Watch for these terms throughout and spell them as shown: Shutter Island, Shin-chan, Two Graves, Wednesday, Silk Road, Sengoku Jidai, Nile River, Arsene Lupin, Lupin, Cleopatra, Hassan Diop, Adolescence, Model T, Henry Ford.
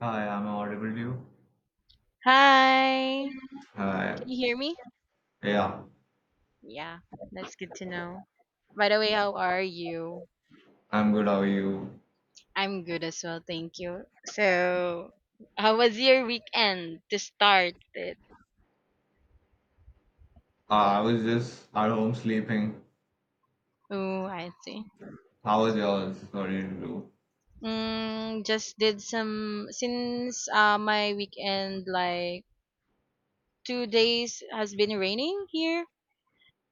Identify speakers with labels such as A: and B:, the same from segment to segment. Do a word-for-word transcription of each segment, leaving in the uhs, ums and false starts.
A: Hi, I'm audible to you.
B: Hi.
A: Hi.
B: Can you hear me?
A: Yeah,
B: Yeah, that's good to know. By the way, how are you?
A: I'm good. How are you?
B: I'm good as well, thank you. So, how was your weekend to start it?
A: Uh, I was just at home sleeping.
B: Oh, I see.
A: How was yours? What did you do?
B: Mm, just did some since uh my weekend, like two days, has been raining here.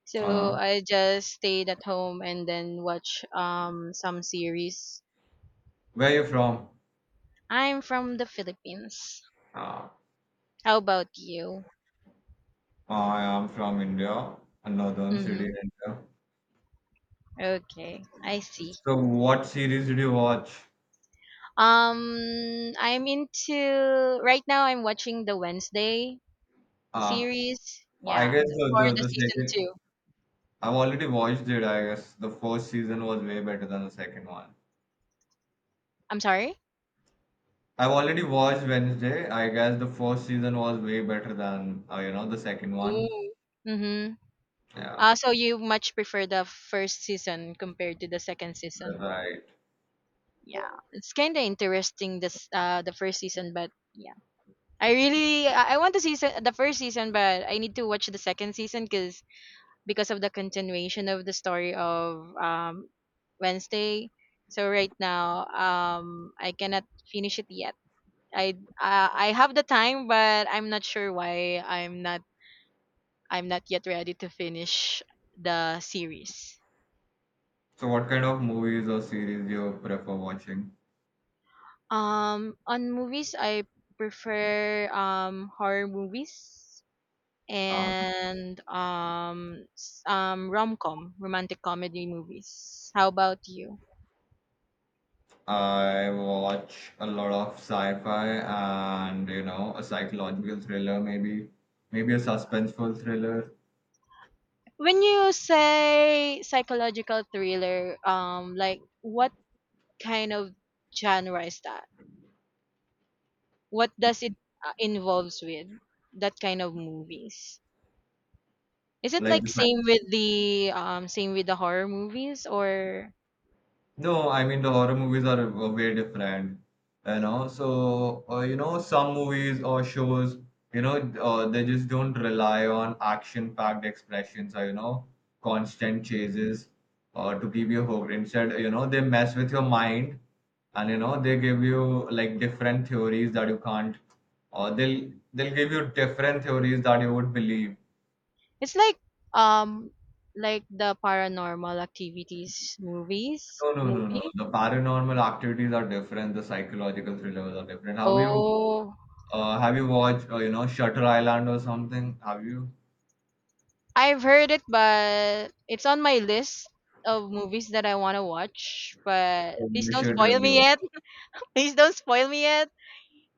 B: So
A: Uh,
B: I just stayed at home and then watch um some series.
A: where are you from?
B: I'm from the Philippines.
A: Uh,
B: How about you?
A: uh, I am from India, a northern
B: Mm-hmm.
A: city in India.
B: Okay, I see.
A: So, what series did you watch?
B: Um, I'm into right now. I'm watching the Wednesday
A: Uh,
B: series.
A: I
B: Yeah,
A: guess
B: the-
A: the,
B: for
A: the,
B: the
A: the
B: season
A: second.
B: two.
A: I've already watched it, I guess. The first season was way better than the second one.
B: I'm sorry.
A: I've already watched Wednesday. I guess the first season was way better than, uh, you know, the second one.
B: Mm. Mm-hmm.
A: Yeah.
B: Uh, so you much prefer the first season compared to the second season.
A: Right.
B: Yeah, it's kind of interesting this uh the first season, but yeah, I really I I want to see se- the first season, but I need to watch the second season because because of the continuation of the story of um Wednesday. So right now, um, I cannot finish it yet. I uh, I have the time, but I'm not sure why I'm not I'm not yet ready to finish the series.
A: So, what kind of movies or series do you prefer watching?
B: Um, on movies, I prefer um horror movies
A: Um,
B: and um s- um rom com romantic comedy movies. How about you?
A: I watch a lot of sci-fi and you know a psychological thriller, maybe maybe a suspenseful thriller
B: When you say psychological thriller, um, like what kind of genre is that? What does it uh, involves with that kind of movies? Is it
A: like
B: like
A: the
B: same
A: sci
B: with the um same with the horror movies, or
A: No, I mean the horror movies are uh, way different, you know. So uh, you know some movies or shows, you know, uh, they just don't rely on action-packed expressions or you know constant chases or to keep you hooked. Instead, you know, they mess with your mind and you know they give you like different theories that you can't, or they'll they'll give you different theories that you would believe.
B: it's like um like the paranormal activities movies
A: No, no, no, no.
B: movie?
A: The paranormal activities are different. The psychological thrillers are different. Have you
B: Oh,
A: Uh, have you watched, uh, you know, Shutter Island or something? Have you?
B: I've heard it, but it's on my list of movies that I want to watch. But
A: Oh,
B: please
A: you
B: don't
A: should
B: spoil
A: really
B: me
A: watch.
B: yet. Please don't spoil me yet.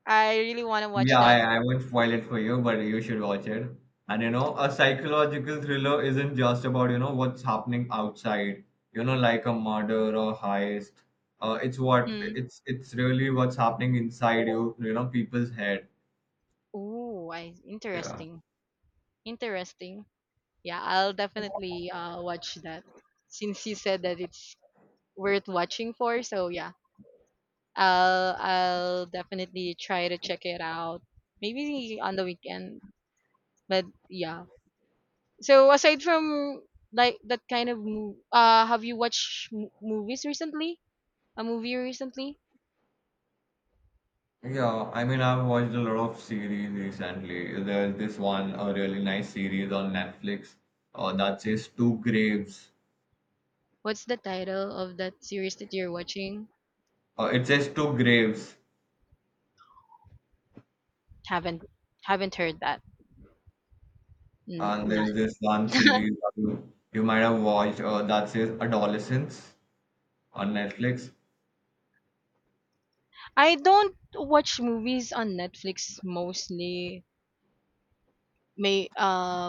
B: I really want to watch
A: Yeah,
B: that
A: I, I
B: movie.
A: won't spoil it for you, but you should watch it. And you know, a psychological thriller isn't just about, you know, what's happening outside, you know, like a murder or heist. Uh, it's what
B: Mhm.
A: it's it's really what's happening inside you, you know, people's head.
B: Ooh, I
A: Yeah.
B: interesting. Interesting. Yeah, I'll definitely uh watch that. Since you said that it's worth watching for, so yeah. I'll I'll definitely try to check it out. Maybe on the weekend. But yeah. So aside from like that kind of mo- uh have you watched m- movies recently? A movie recently?
A: Yeah, I mean, I've watched a lot of series recently. There's this one, a really nice series on Netflix, uh, that says Two Graves.
B: What's the title of that series that you're watching?
A: Uh, it's just Two Graves,
B: Haven't haven't heard that. N-
A: and
B: not.
A: there's this one series that you, you might have watched uh, that says Adolescence on Netflix.
B: I don't watch movies on Netflix mostly. May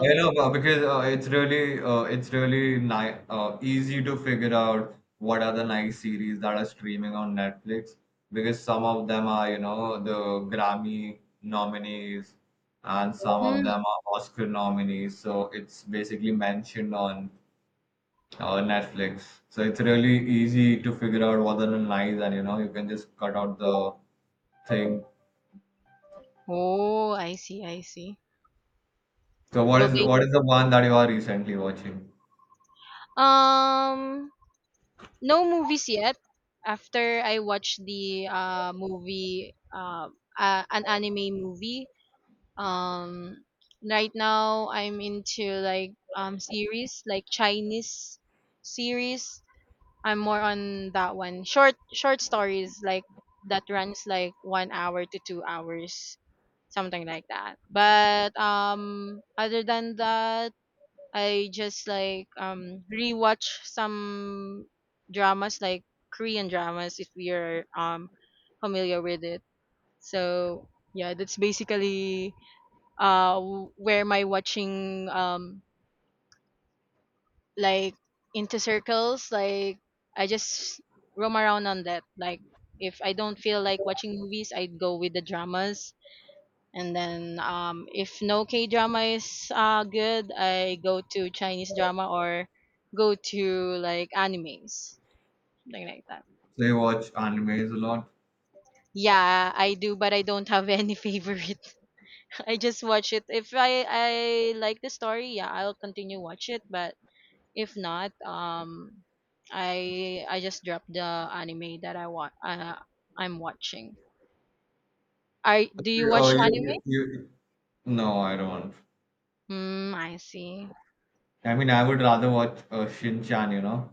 A: I know uh, because uh, it's really uh, it's really ni- uh, easy to figure out what are the nice series that are streaming on Netflix because some of them are you know the Grammy nominees and some of
B: mm,
A: them are Oscar nominees. So it's basically mentioned on or Netflix. So it's really easy to figure out what's on an nice and you know you can just cut out the thing.
B: oh, I see, I see.
A: So what
B: Well,
A: is
B: they
A: what is the one that you are recently watching?
B: um no movies yet. After I watch the uh movie uh, uh an anime movie, um right now I'm into like um series, like Chinese series. I'm more on that one. Short short stories like that runs like one hour to two hours, something like that. But um, other than that, I just like um rewatch some dramas, like Korean dramas, if you're um familiar with it. So yeah, that's basically uh w- where my watching, um like, into circles, like I just roam around on that. Like if I don't feel like watching movies, I'd go with the dramas, and then um if no K drama is uh good, I go to Chinese drama or go to like animes, something like that.
A: So you watch animes a lot?
B: Yeah, I do, but I don't have any favorite. I just watch it. If I I like the story, yeah, I'll continue watch it. But if not, um, I I just drop the anime that I want. Uh, I'm watching. I do you
A: Okay. Uh,
B: watch
A: you,
B: anime?
A: you, you, no, I don't.
B: Hmm, I see.
A: I mean, I would rather watch uh, Shin-chan, you know?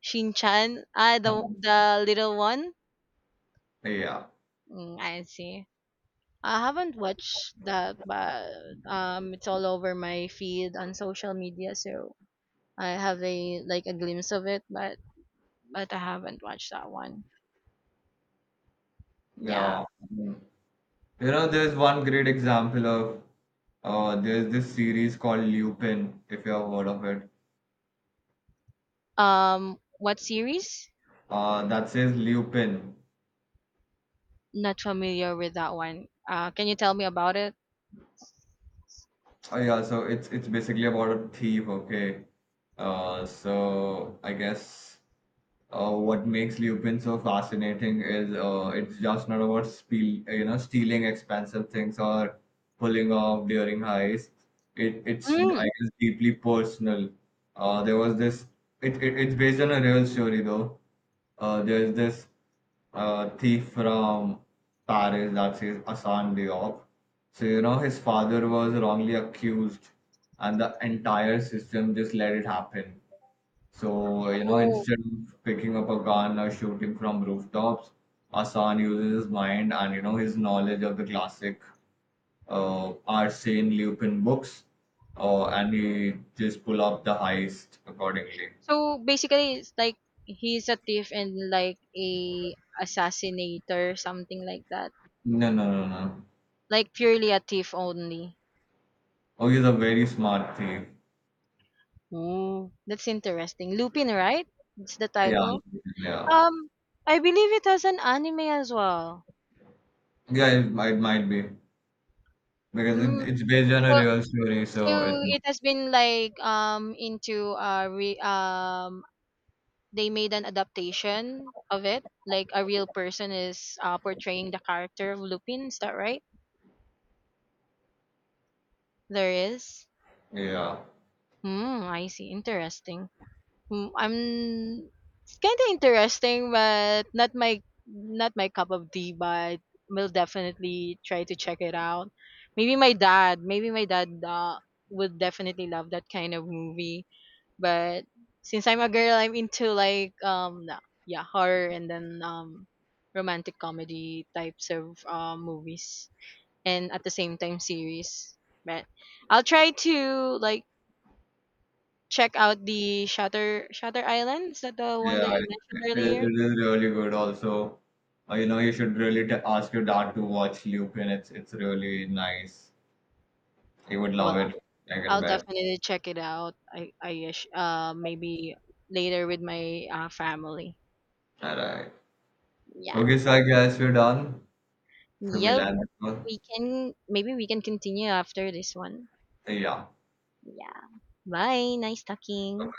B: Shin-chan, ah, the
A: Um,
B: the little one.
A: Yeah,
B: Mm, I see. I haven't watched that, but um, it's all over my feed on social media, so I have a like a glimpse of it, but but I haven't watched that one. Yeah.
A: yeah. Mm. You know, there's one great example of uh, there's this series called Lupin, if you have heard of it.
B: Um, what series?
A: Uh, that says Lupin.
B: Not familiar with that one. Uh, can you tell me about it?
A: Oh yeah, so it's it's basically about a thief, okay. Uh, so I guess uh, what makes Lupin so fascinating is uh, it's just not about spiel, you know, stealing expensive things or pulling off during heists. It, it's, I
B: Mm,
A: guess, deeply personal. Uh, there was this, it, it, it's based on a real story though. Uh, there's this uh, thief from Paris that says Hassan Diop. So, you know, his father was wrongly accused, and the entire system just let it happen, so, you know,
B: oh.
A: instead of picking up a gun or shooting from rooftops, Hassan uses his mind and, you know, his knowledge of the classic uh, Arsene Lupin books, uh, and he just pull up the heist accordingly.
B: So basically it's like he's a thief and like a assassinator, something like that.
A: No, no, no, no.
B: Like purely a thief only.
A: Oh, he's a very smart thief.
B: Ooh, that's interesting. Lupin, right? It's the
A: Yeah,
B: title.
A: yeah.
B: Um, I believe it has an anime as well.
A: Yeah, it might, might be. Because it,
B: Mm,
A: it's based on
B: so
A: a real story,
B: so
A: so it
B: it
A: might.
B: has been like um into uh re- um they made an adaptation of it. Like a real person is uh, portraying the character of Lupin. Is that right? There is.
A: Yeah.
B: Hmm. I see. Interesting. Hmm. I'm it's kind of interesting, but not my not my cup of tea. But we'll definitely try to check it out. Maybe my dad. Maybe my dad uh, would definitely love that kind of movie. But since I'm a girl, I'm into like um na- yeah, horror, and then um romantic comedy types of uh, movies and at the same time series. But I'll try to like check out the Shutter Shutter Island. Is that the one
A: Yeah,
B: that you
A: I-
B: mentioned
A: it is
B: earlier?
A: really good. Also, uh, you know, you should really t ask your dad to watch Lupin. It's it's really nice. He would
B: Well,
A: love it. I can
B: I'll
A: bet.
B: definitely check it out. I I guess, uh maybe later with my uh, family.
A: All right.
B: Yeah.
A: Okay, so I guess we're done. So we'll
B: Yep.
A: end the call.
B: We can maybe we can continue after this one.
A: Uh, Yeah.
B: Yeah. Bye. Nice talking.